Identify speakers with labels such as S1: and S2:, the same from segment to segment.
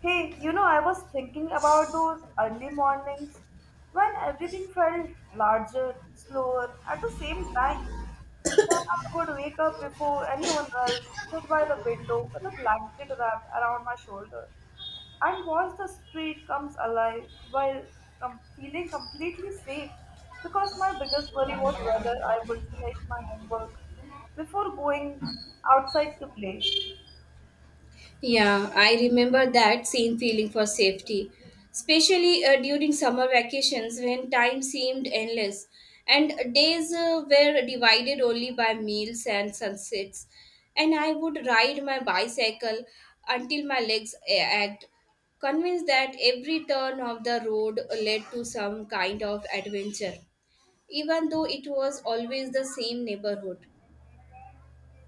S1: Hey, you know, I was thinking about those early mornings when everything felt larger, slower at the same time. You know, I would wake up before anyone else, sit by the window with a blanket wrapped around my shoulder, and watch the street comes alive while feeling completely safe because my biggest worry was whether I would finish my homework before going outside to play.
S2: Yeah, I remember that same feeling for safety, especially during summer vacations when time seemed endless and days were divided only by meals and sunsets. And I would ride my bicycle until my ached, convinced that every turn of the road led to some kind of adventure, even though it was always the same neighborhood.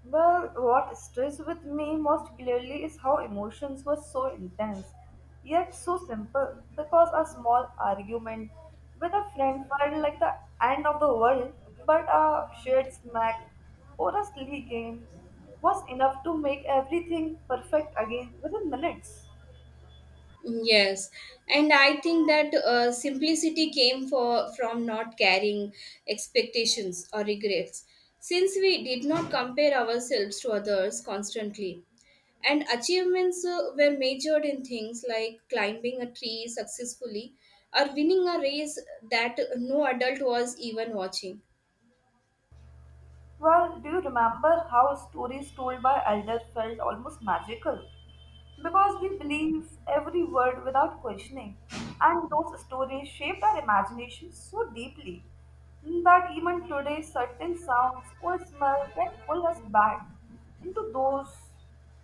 S1: Well, what stays with me most clearly is how emotions were so intense, yet so simple, because a small argument with a friend felt like the end of the world, but a shared snack or a silly game was enough to make everything perfect again within minutes.
S2: Yes, and I think that simplicity came for from not carrying expectations or regrets, since we did not compare ourselves to others constantly. And achievements were measured in things like climbing a tree successfully or winning a race that no adult was even watching.
S1: Well, do you remember how stories told by elders felt almost magical? Because we believe every word without questioning, and those stories shaped our imagination so deeply that even today, certain sounds or smell can pull us back into those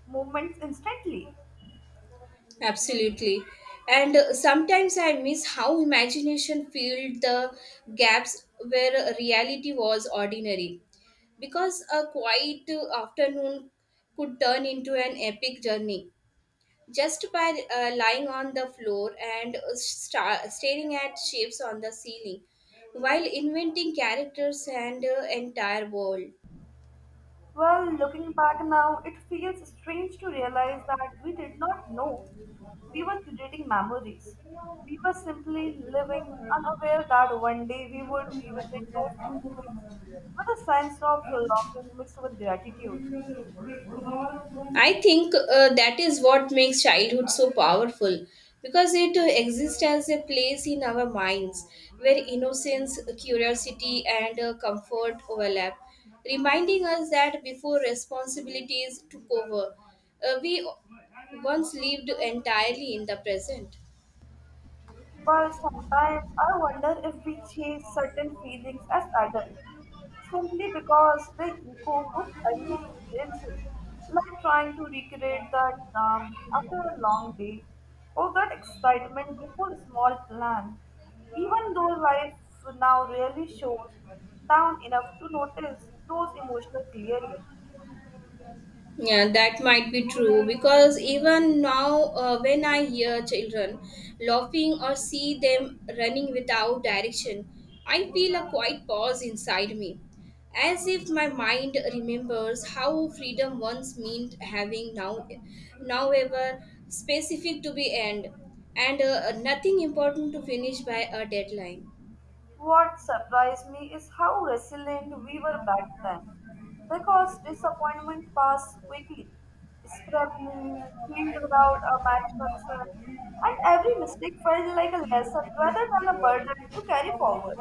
S1: moments instantly.
S2: Absolutely. And sometimes I miss how imagination filled the gaps where reality was ordinary. Because a quiet afternoon could turn into an epic journey just by lying on the floor and staring at shapes on the ceiling while inventing characters and entire world.
S1: Well, looking back now, it feels strange to realize that we did not know we were creating memories. We were simply living, unaware that one day we would revisit those moments with a sense of longing mixed with gratitude.
S2: I think that is what makes childhood so powerful because it exists as a place in our minds where innocence, curiosity, and comfort overlap, reminding us that before responsibilities took over, we once lived entirely in the present.
S1: But sometimes I wonder if we chase certain feelings as adults simply because they echo to early experiences, like trying to recreate that calm after a long day or that excitement before a small plan, even though life now rarely shows down enough to notice those emotions clearly.
S2: Yeah, that might be true because even now, when I hear children laughing or see them running without direction, I feel a quiet pause inside me, as if my mind remembers how freedom once meant having now, now ever specific to be end, and nothing important to finish by a deadline.
S1: What surprised me is how resilient we were back then. Because disappointment passed quickly. Scrapped knees, healed without a match concern, and every mistake felt like a lesson rather than a burden to carry forward.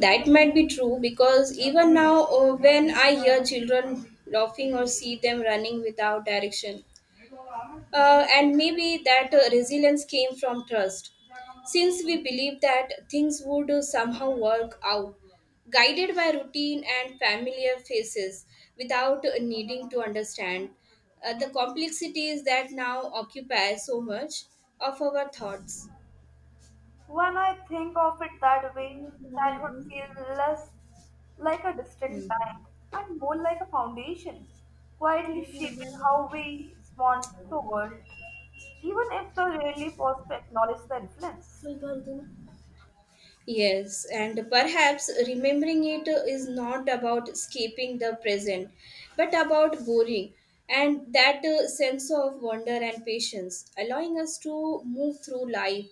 S2: That might be true because even now, when I hear children laughing or see them running without direction, and maybe that resilience came from trust. Since we believed that things would somehow work out, guided by routine and familiar faces without needing to understand the complexities that now occupy so much of our thoughts.
S1: When I think of it that way, childhood feels less like a distant
S2: Mm.
S1: time and more like a foundation, quietly shaping how we respond to the world, even if they rarely pause to acknowledge the influence.
S2: Yes, and perhaps remembering it is not about escaping the present, but about boring and that sense of wonder and patience, allowing us to move through life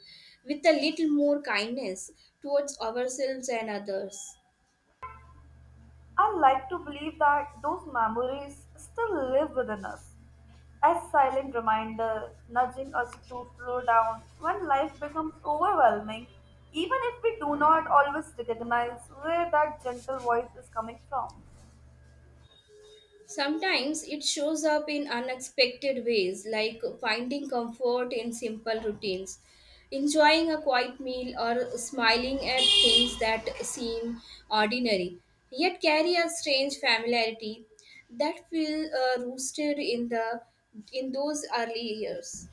S2: with a little more kindness towards ourselves and others.
S1: I like to believe that those memories still live within us, as silent reminder nudging us to slow down when life becomes overwhelming, even if we do not always recognize where that gentle voice is coming from.
S2: Sometimes it shows up in unexpected ways, like finding comfort in simple routines, enjoying a quiet meal, or smiling at things that seem ordinary, yet carry a strange familiarity that feel rooted in those early years.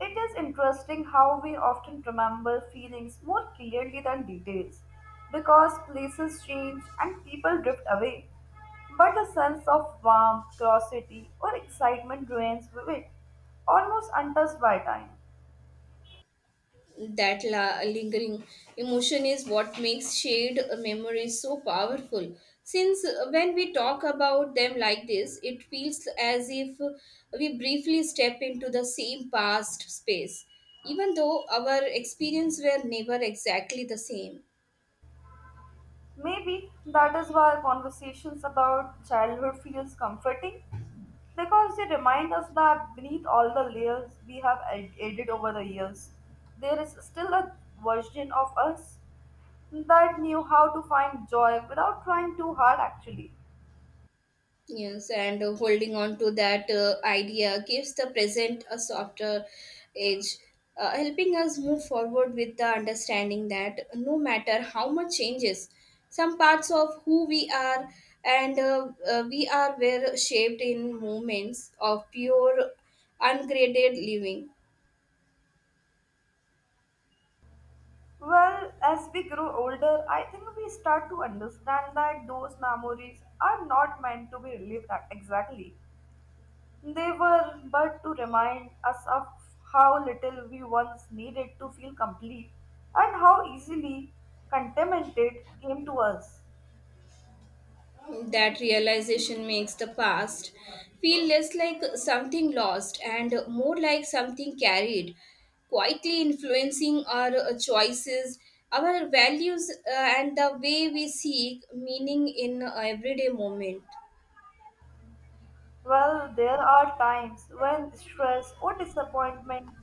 S1: It is interesting how we often remember feelings more clearly than details because places change and people drift away. But a sense of warmth, curiosity, or excitement remains vivid, almost untouched by time.
S2: That lingering emotion is what makes shared memories so powerful since when we talk about them like this it feels as if we briefly step into the same past space even though our experience were never exactly the same.
S1: Maybe that is why conversations about childhood feels comforting because they remind us that beneath all the layers we have added over the years, there is still a version of us that knew how to find joy without trying too hard, actually.
S2: Yes, and holding on to that idea gives the present a softer edge, helping us move forward with the understanding that no matter how much changes, some parts of who we are and we are were shaped in moments of pure, ungraded living.
S1: Well, as we grow older, I think we start to understand that those memories are not meant to be relived exactly. They were but to remind us of how little we once needed to feel complete and how easily contentment came to us.
S2: That realization makes the past feel less like something lost and more like something carried, quietly influencing our choices, our values, and the way we seek meaning in everyday moment.
S1: Well, there are times when stress or disappointment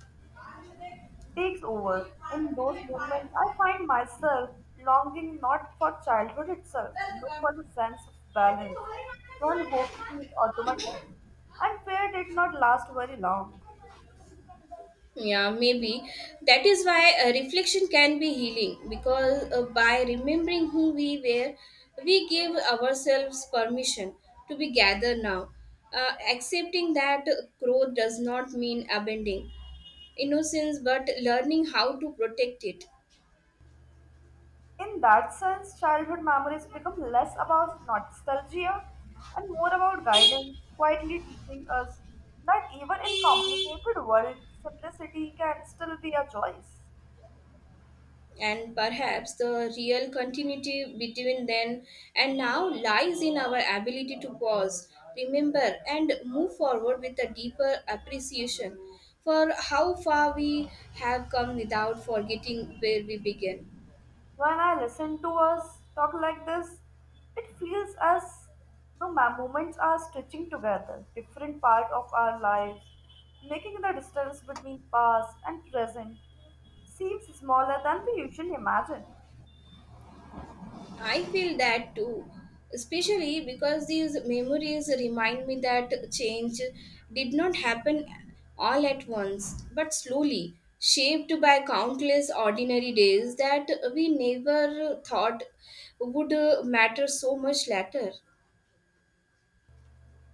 S1: takes over. In those moments, I find myself longing not for childhood itself, but for the sense of balance, when hope seemed automatic and fear did not last very long.
S2: Yeah, maybe. That is why reflection can be healing because by remembering who we were, we give ourselves permission to be gathered now. Accepting that growth does not mean abandoning innocence but learning how to protect it.
S1: In that sense, childhood memories become less about nostalgia and more about guidance, quietly teaching us that even in complicated world, simplicity can still be a choice.
S2: And perhaps the real continuity between then and now lies in our ability to pause, remember, and move forward with a deeper appreciation for how far we have come without forgetting where we began.
S1: When I listen to us talk like this, it feels as though my moments are stitching together different part of our lives, making the distance between past and present seems smaller than we usually imagine.
S2: I feel that too, especially because these memories remind me that change did not happen all at once, but slowly, shaped by countless ordinary days that we never thought would matter so much later.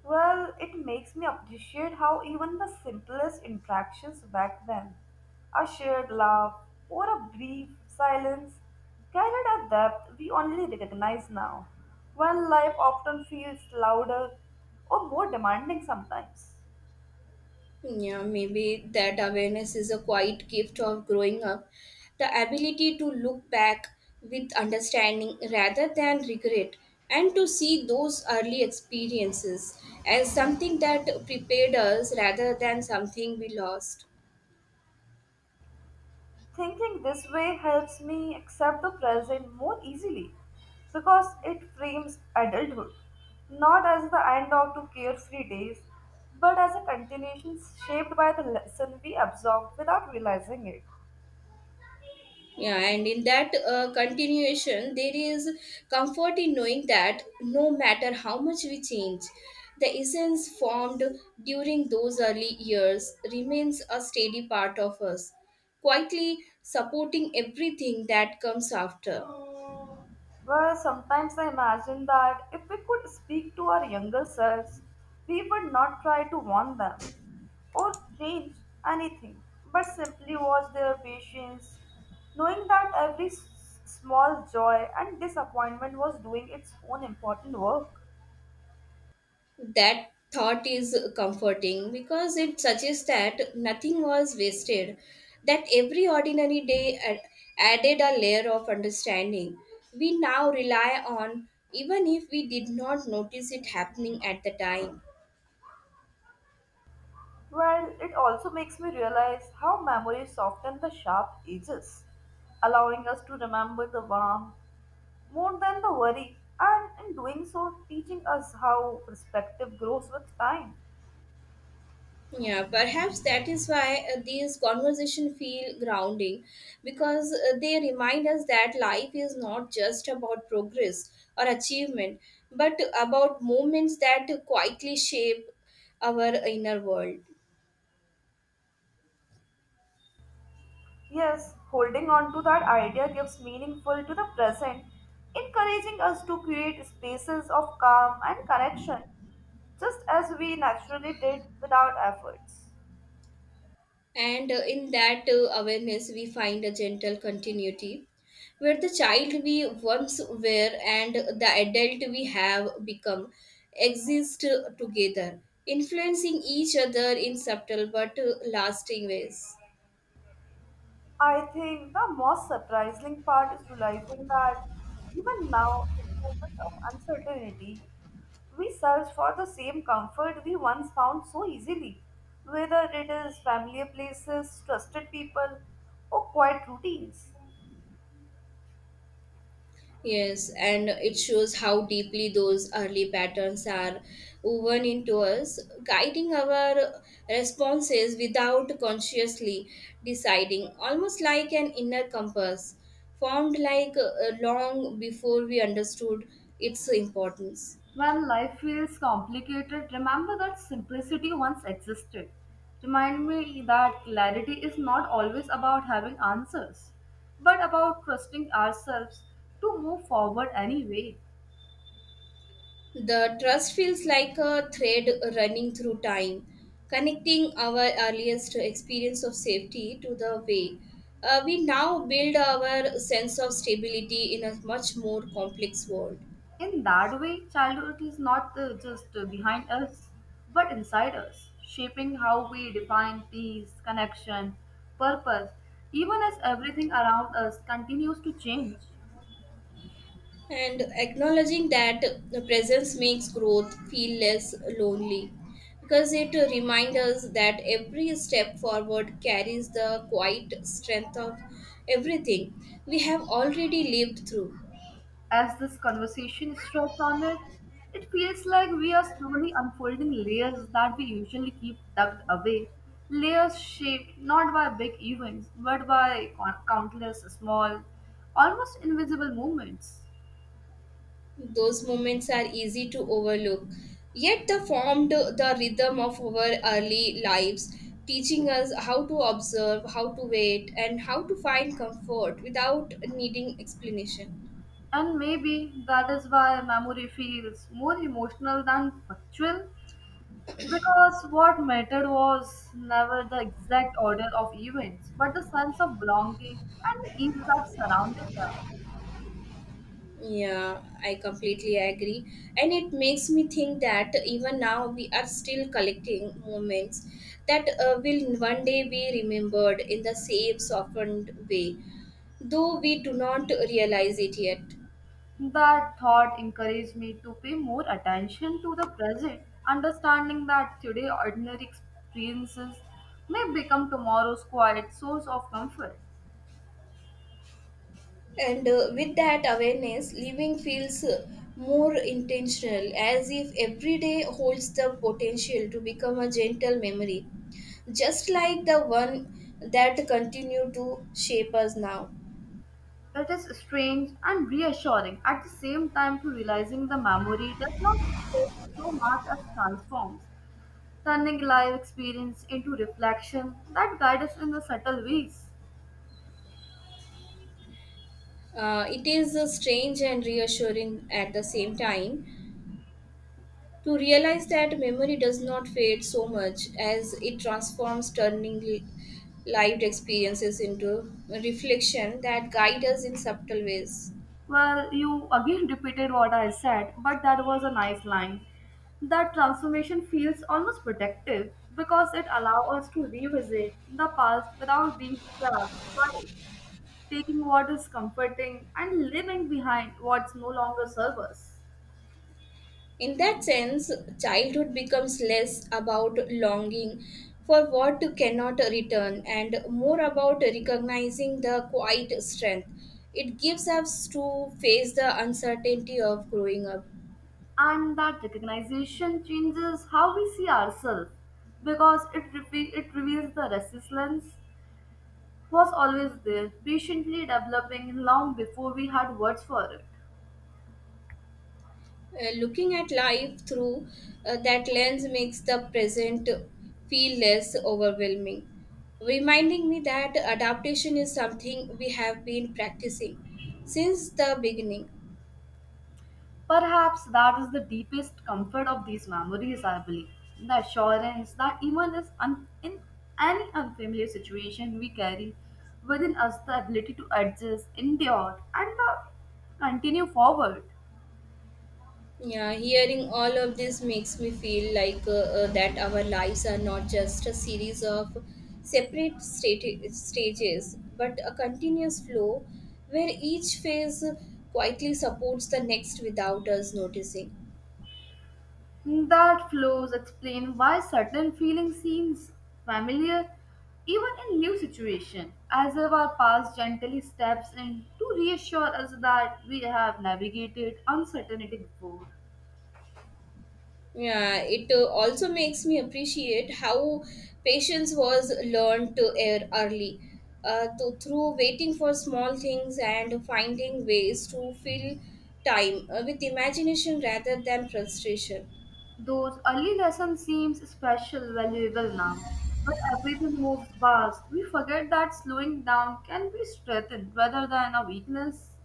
S1: Well, it makes me appreciate how even the simplest interactions back then, a shared laugh or a brief silence, carried a depth we only recognize now, when life often feels louder or more demanding sometimes.
S2: Yeah, maybe that awareness is a quiet gift of growing up. The ability to look back with understanding rather than regret and to see those early experiences as something that prepared us rather than something we lost.
S1: Thinking this way helps me accept the present more easily because it frames adulthood not as the end of two carefree days but as a continuation shaped by the lesson we absorbed without realizing it.
S2: Yeah, and in that continuation, there is comfort in knowing that no matter how much we change, the essence formed during those early years remains a steady part of us, quietly supporting everything that comes after.
S1: Well, sometimes I imagine that if we could speak to our younger selves, we would not try to warn them or change anything, but simply watch their patience, knowing that every small joy and disappointment was doing its own important work.
S2: That thought is comforting because it suggests that nothing was wasted, that every ordinary day added a layer of understanding we now rely on, even if we did not notice it happening at the time.
S1: Well, it also makes me realize how memories soften the sharp edges, allowing us to remember the warmth more than the worry, and in doing so, teaching us how perspective grows with time.
S2: Yeah, perhaps that is why these conversations feel grounding because they remind us that life is not just about progress or achievement, but about moments that quietly shape our inner world.
S1: Yes, holding on to that idea gives meaningful to the present, encouraging us to create spaces of calm and connection, just as we naturally did without efforts.
S2: And in that awareness, we find a gentle continuity where the child we once were and the adult we have become exist together, influencing each other in subtle but lasting ways.
S1: I think the most surprising part is realizing that even now, in moment of uncertainty, we search for the same comfort we once found so easily, whether it is familiar places, trusted people, or quiet routines.
S2: Yes, and it shows how deeply those early patterns are woven into us, guiding our responses without consciously deciding, almost like an inner compass formed long before we understood its importance.
S1: When life feels complicated, remember that simplicity once existed. Remind me that clarity is not always about having answers, but about trusting ourselves to move forward anyway.
S2: The trust feels like a thread running through time, connecting our earliest experience of safety to the way we now build our sense of stability in a much more complex world.
S1: In that way, childhood is not just behind us, but inside us, shaping how we define peace, connection, purpose, even as everything around us continues to change.
S2: And acknowledging that the presence makes growth feel less lonely because it reminds us that every step forward carries the quiet strength of everything we have already lived through.
S1: As this conversation strikes on it, it feels like we are slowly unfolding layers that we usually keep tucked away. Layers shaped not by big events, but by countless small, almost invisible moments.
S2: Those moments are easy to overlook. Yet they formed the rhythm of our early lives, teaching us how to observe, how to wait, and how to find comfort without needing explanation.
S1: And maybe that is why memory feels more emotional than factual. Because what mattered was never the exact order of events, but the sense of belonging and the ease that surrounded them.
S2: Yeah, I completely agree. And it makes me think that even now we are still collecting moments that will one day be remembered in the same softened way, though we do not realize it yet.
S1: That thought encouraged me to pay more attention to the present, understanding that today ordinary experiences may become tomorrow's quiet source of comfort.
S2: And with that awareness, living feels more intentional, as if every day holds the potential to become a gentle memory, just like the one that continue to shape us now.
S1: It is strange and reassuring at the same time to realizing the memory does not fade so much as transforms, turning life experience into reflection that guide us in the subtle ways.
S2: It is strange and reassuring at the same time to realize that memory does not fade so much as it transforms, turning lived experiences into reflection that guide us in subtle ways.
S1: Well, you again repeated what I said, but that was a nice line. That transformation feels almost protective because it allows us to revisit the past without being trapped by it, taking what is comforting and leaving behind what's no longer serves us.
S2: In that sense, childhood becomes less about longing for what cannot return and more about recognizing the quiet strength it gives us to face the uncertainty of growing up.
S1: And that recognition changes how we see ourselves because it reveals the resilience was always there, patiently developing long before we had words for it.
S2: Looking at life through that lens makes the present feel less overwhelming, reminding me that adaptation is something we have been practicing since the beginning.
S1: Perhaps that is the deepest comfort of these memories, I believe. The assurance that in any unfamiliar situation we carry within us the ability to adjust, endure, and continue forward.
S2: Yeah, hearing all of this makes me feel like that our lives are not just a series of stages, but a continuous flow where each phase quietly supports the next without us noticing.
S1: That flows explain why certain feeling seems familiar even in new situation, as if our past gently steps in to reassure us that we have navigated uncertainty before.
S2: Yeah, it also makes me appreciate how patience was learned to air early. Through waiting for small things and finding ways to fill time with imagination rather than frustration.
S1: Those early lessons seems special valuable now. When everything moves fast, we forget that slowing down can be strengthened rather than a weakness.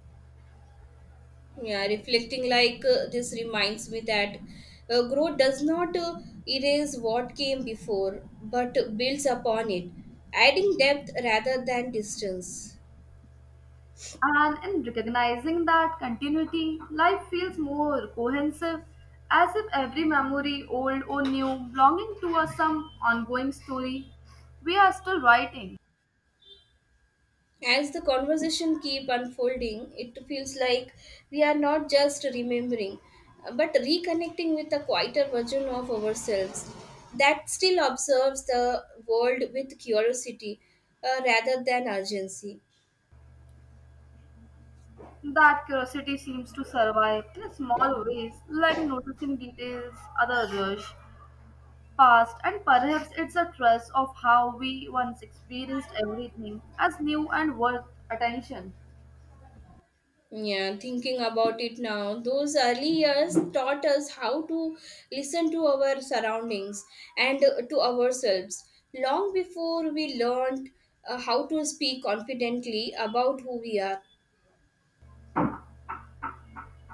S2: Yeah, reflecting this reminds me that growth does not erase what came before but builds upon it, adding depth rather than distance.
S1: And in recognizing that continuity, life feels more cohesive, as if every memory, old or new, belonging to us some ongoing story we are still writing.
S2: As the conversation keep unfolding, it feels like we are not just remembering, but reconnecting with a quieter version of ourselves that still observes the world with curiosity rather than urgency.
S1: That curiosity seems to survive in small ways, like noticing details, other rush, past, and perhaps it's a trust of how we once experienced everything as new and worth attention.
S2: Yeah, thinking about it now, those early years taught us how to listen to our surroundings and to ourselves long before we learned how to speak confidently about who we are.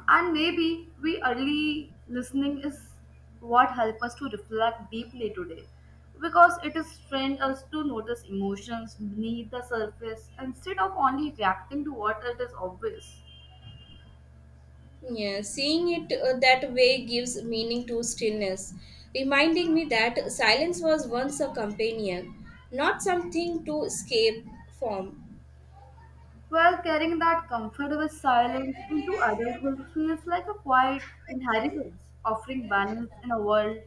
S1: And maybe we early listening is what help us to reflect deeply today because it has trained us to notice emotions beneath the surface instead of only reacting to what it is obvious.
S2: Yeah, seeing it that way gives meaning to stillness, reminding me that silence was once a companion, not something to escape from.
S1: While carrying that comfortable silence into adulthood feels like a quiet inheritance, offering balance in a world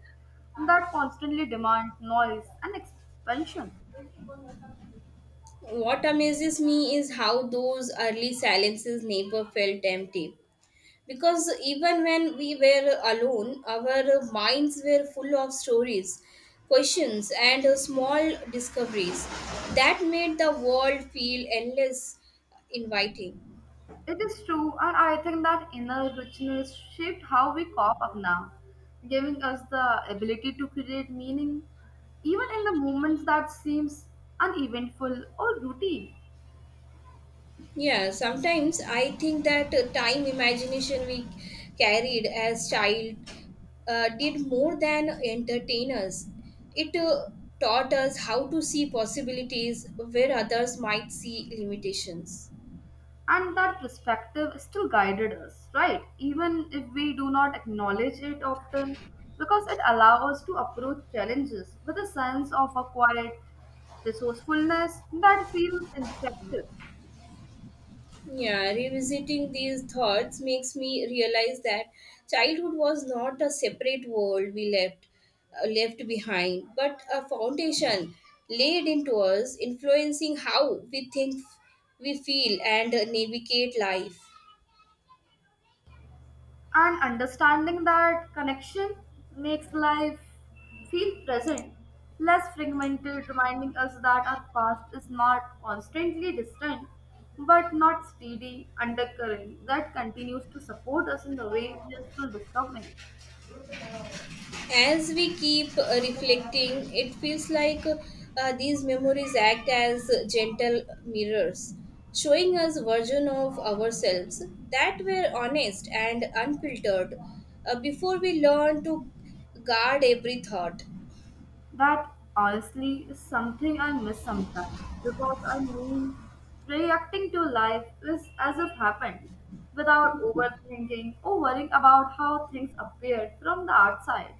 S1: that constantly demands noise and expansion.
S2: What amazes me is how those early silences never felt empty. Because even when we were alone, our minds were full of stories, questions, and small discoveries that made the world feel endless, inviting.
S1: It is true, and I think that inner richness shaped how we cope up now, giving us the ability to create meaning even in the moments that seems uneventful or routine.
S2: Yeah, sometimes I think that time imagination we carried as child did more than entertain us. It taught us how to see possibilities where others might see limitations.
S1: And that perspective still guided us, right? Even if we do not acknowledge it often, because it allows us to approach challenges with a sense of a quiet resourcefulness that feels instructive.
S2: Yeah, revisiting these thoughts makes me realize that childhood was not a separate world we left behind, but a foundation laid into us, influencing how we think, we feel, and navigate life.
S1: And understanding that connection makes life feel present, less fragmented, reminding us that our past is not constantly distant but not steady undercurrent that continues to support us in the way we are still discovering.
S2: As we keep reflecting, it feels like these memories act as gentle mirrors, showing us version of ourselves that were honest and unfiltered before we learn to guard every thought.
S1: That honestly is something I miss sometimes because I mean, reacting to life is as if happened without overthinking or worrying about how things appear from the outside.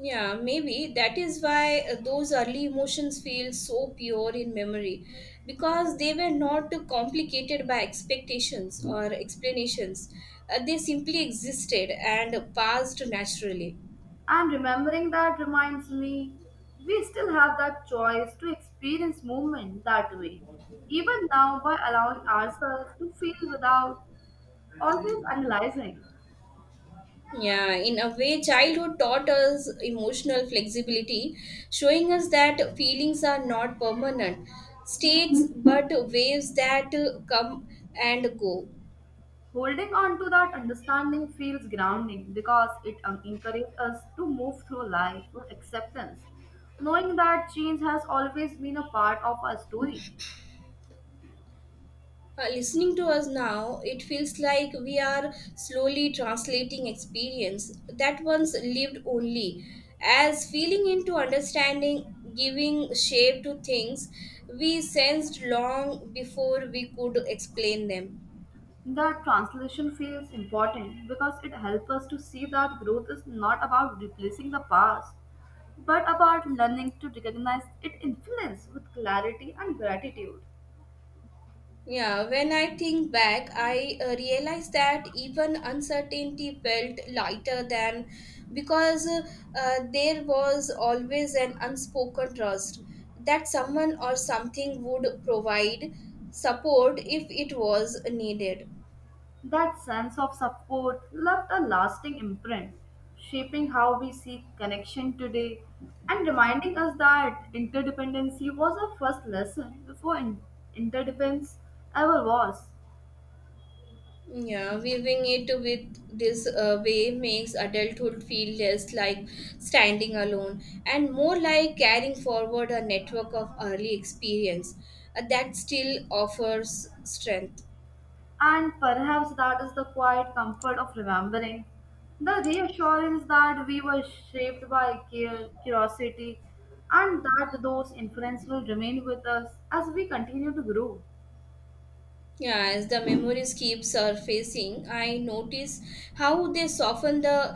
S2: Yeah, maybe that is why those early emotions feel so pure in memory because they were not complicated by expectations or explanations. They simply existed and passed naturally.
S1: And remembering that reminds me, we still have that choice to experience movement that way, even now by allowing ourselves to feel without always analyzing.
S2: Yeah, in a way, childhood taught us emotional flexibility, showing us that feelings are not permanent states but waves that come and go.
S1: Holding on to that understanding feels grounding because it encourages us to move through life with acceptance, knowing that change has always been a part of our story.
S2: Listening to us now, it feels like we are slowly translating experience that once lived only as feeling into understanding, giving shape to things we sensed long before we could explain them.
S1: That translation feels important because it helps us to see that growth is not about replacing the past, but about learning to recognize its influence with clarity and gratitude.
S2: Yeah, when I think back, I realize that even uncertainty felt lighter than because there was always an unspoken trust that someone or something would provide support if it was needed.
S1: That sense of support left a lasting imprint, shaping how we see connection today and reminding us that interdependency was a first lesson before interdependence ever was.
S2: Yeah, weaving it with this way makes adulthood feel less like standing alone and more like carrying forward a network of early experience that still offers strength.
S1: And perhaps that is the quiet comfort of remembering. The reassurance that we were shaped by curiosity and that those influences will remain with us as we continue to grow.
S2: Yeah, as the memories keep surfacing, I notice how they soften the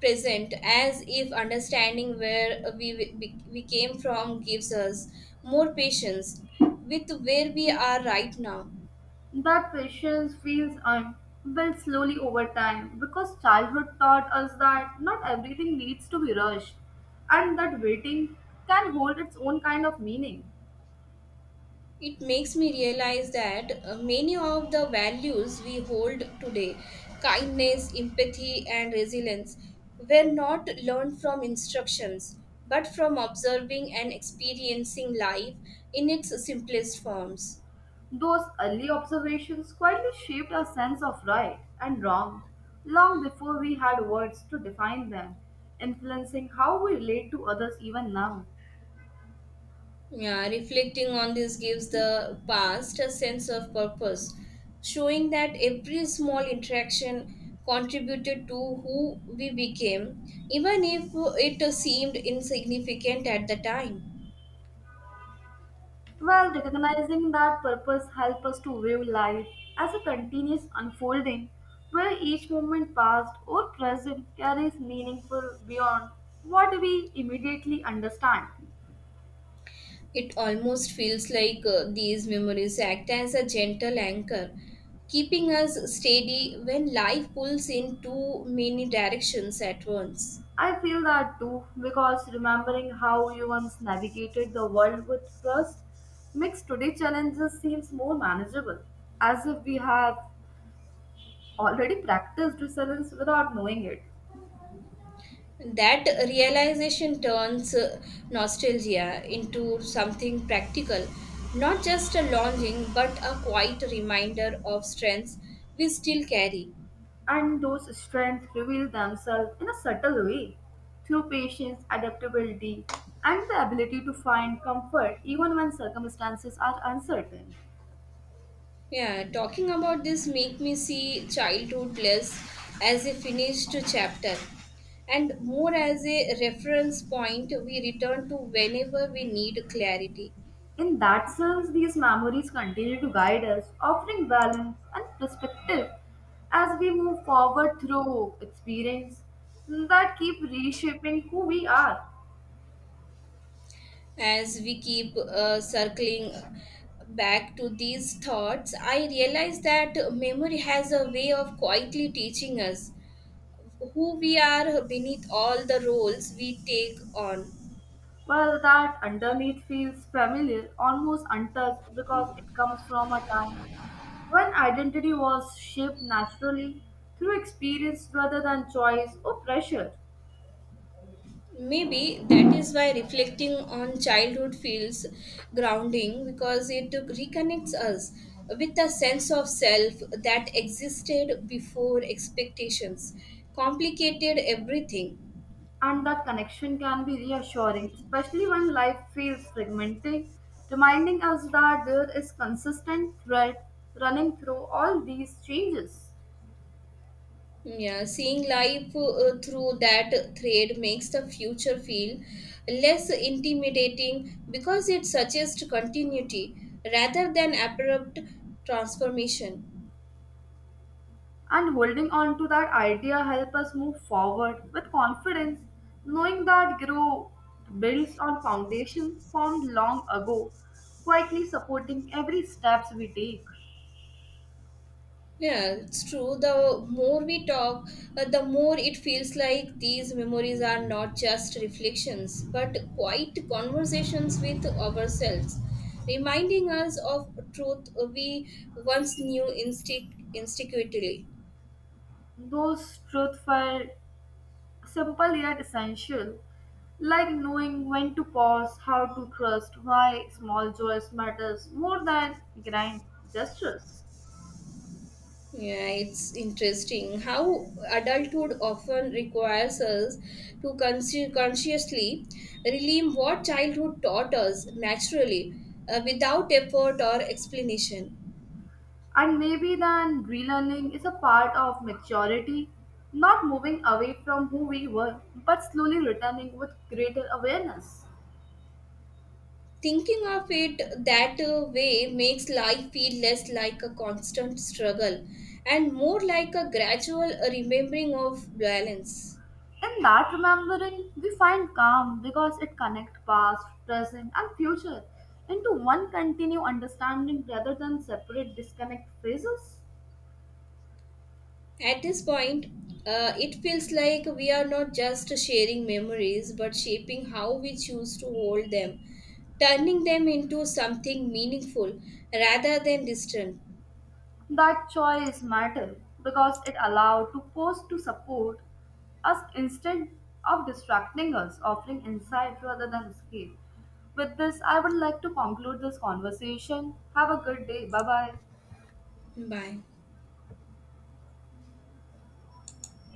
S2: present as if understanding where we came from gives us more patience with where we are right now.
S1: That patience feels built slowly over time because childhood taught us that not everything needs to be rushed and that waiting can hold its own kind of meaning.
S2: It makes me realize that many of the values we hold today, kindness, empathy, and resilience, were not learned from instructions, but from observing and experiencing life in its simplest forms.
S1: Those early observations quietly shaped our sense of right and wrong long before we had words to define them, influencing how we relate to others even now.
S2: Yeah, reflecting on this gives the past a sense of purpose, showing that every small interaction contributed to who we became, even if it seemed insignificant at the time.
S1: Well, recognizing that purpose helps us to view life as a continuous unfolding where each moment past or present carries meaningful beyond what we immediately understand.
S2: It almost feels like these memories act as a gentle anchor, keeping us steady when life pulls in too many directions at once.
S1: I feel that too because remembering how you once navigated the world with trust makes today's challenges seems more manageable, as if we have already practiced resilience without knowing it.
S2: That realization turns nostalgia into something practical, not just a longing but a quiet reminder of strengths we still carry.
S1: And those strengths reveal themselves in a subtle way through patience, adaptability, and the ability to find comfort even when circumstances are uncertain.
S2: Yeah, talking about this make me see childhood less as a finished chapter and more as a reference point we return to whenever we need clarity.
S1: In that sense, these memories continue to guide us, offering balance and perspective as we move forward through experience that keep reshaping who we are.
S2: As we keep circling back to these thoughts, I realize that memory has a way of quietly teaching us who we are beneath all the roles we take on.
S1: Well, that underneath feels familiar, almost untouched, because it comes from a time when identity was shaped naturally through experience rather than choice or pressure.
S2: Maybe that is why reflecting on childhood feels grounding because it reconnects us with a sense of self that existed before expectations complicated everything.
S1: And that connection can be reassuring, especially when life feels fragmented, reminding us that there is consistent thread running through all these changes.
S2: Yeah, seeing life through that thread makes the future feel less intimidating because it suggests continuity rather than abrupt transformation.
S1: And holding on to that idea help us move forward with confidence, knowing that growth builds on foundation formed long ago, quietly supporting every steps we take.
S2: Yeah, it's true. The more we talk, the more it feels like these memories are not just reflections, but quite conversations with ourselves, reminding us of truth we once knew instinctively.
S1: Those truth felt simple yet essential, like knowing when to pause, how to trust, why small joys matters more than grand gestures.
S2: Yeah, it's interesting how adulthood often requires us to consciously relieve what childhood taught us naturally, without effort or explanation.
S1: And maybe then relearning is a part of maturity, not moving away from who we were, but slowly returning with greater awareness.
S2: Thinking of it that way makes life feel less like a constant struggle and more like a gradual remembering of balance.
S1: In that remembering, we find calm because it connects past, present, and future into one continued understanding rather than separate disconnect phases.
S2: At this point, it feels like we are not just sharing memories but shaping how we choose to hold them, turning them into something meaningful rather than distant.
S1: That choice mattered because it allowed to post to support us instead of distracting us, offering insight rather than escape. With this, I would like to conclude this conversation. Have a good day. Bye bye.
S2: Bye.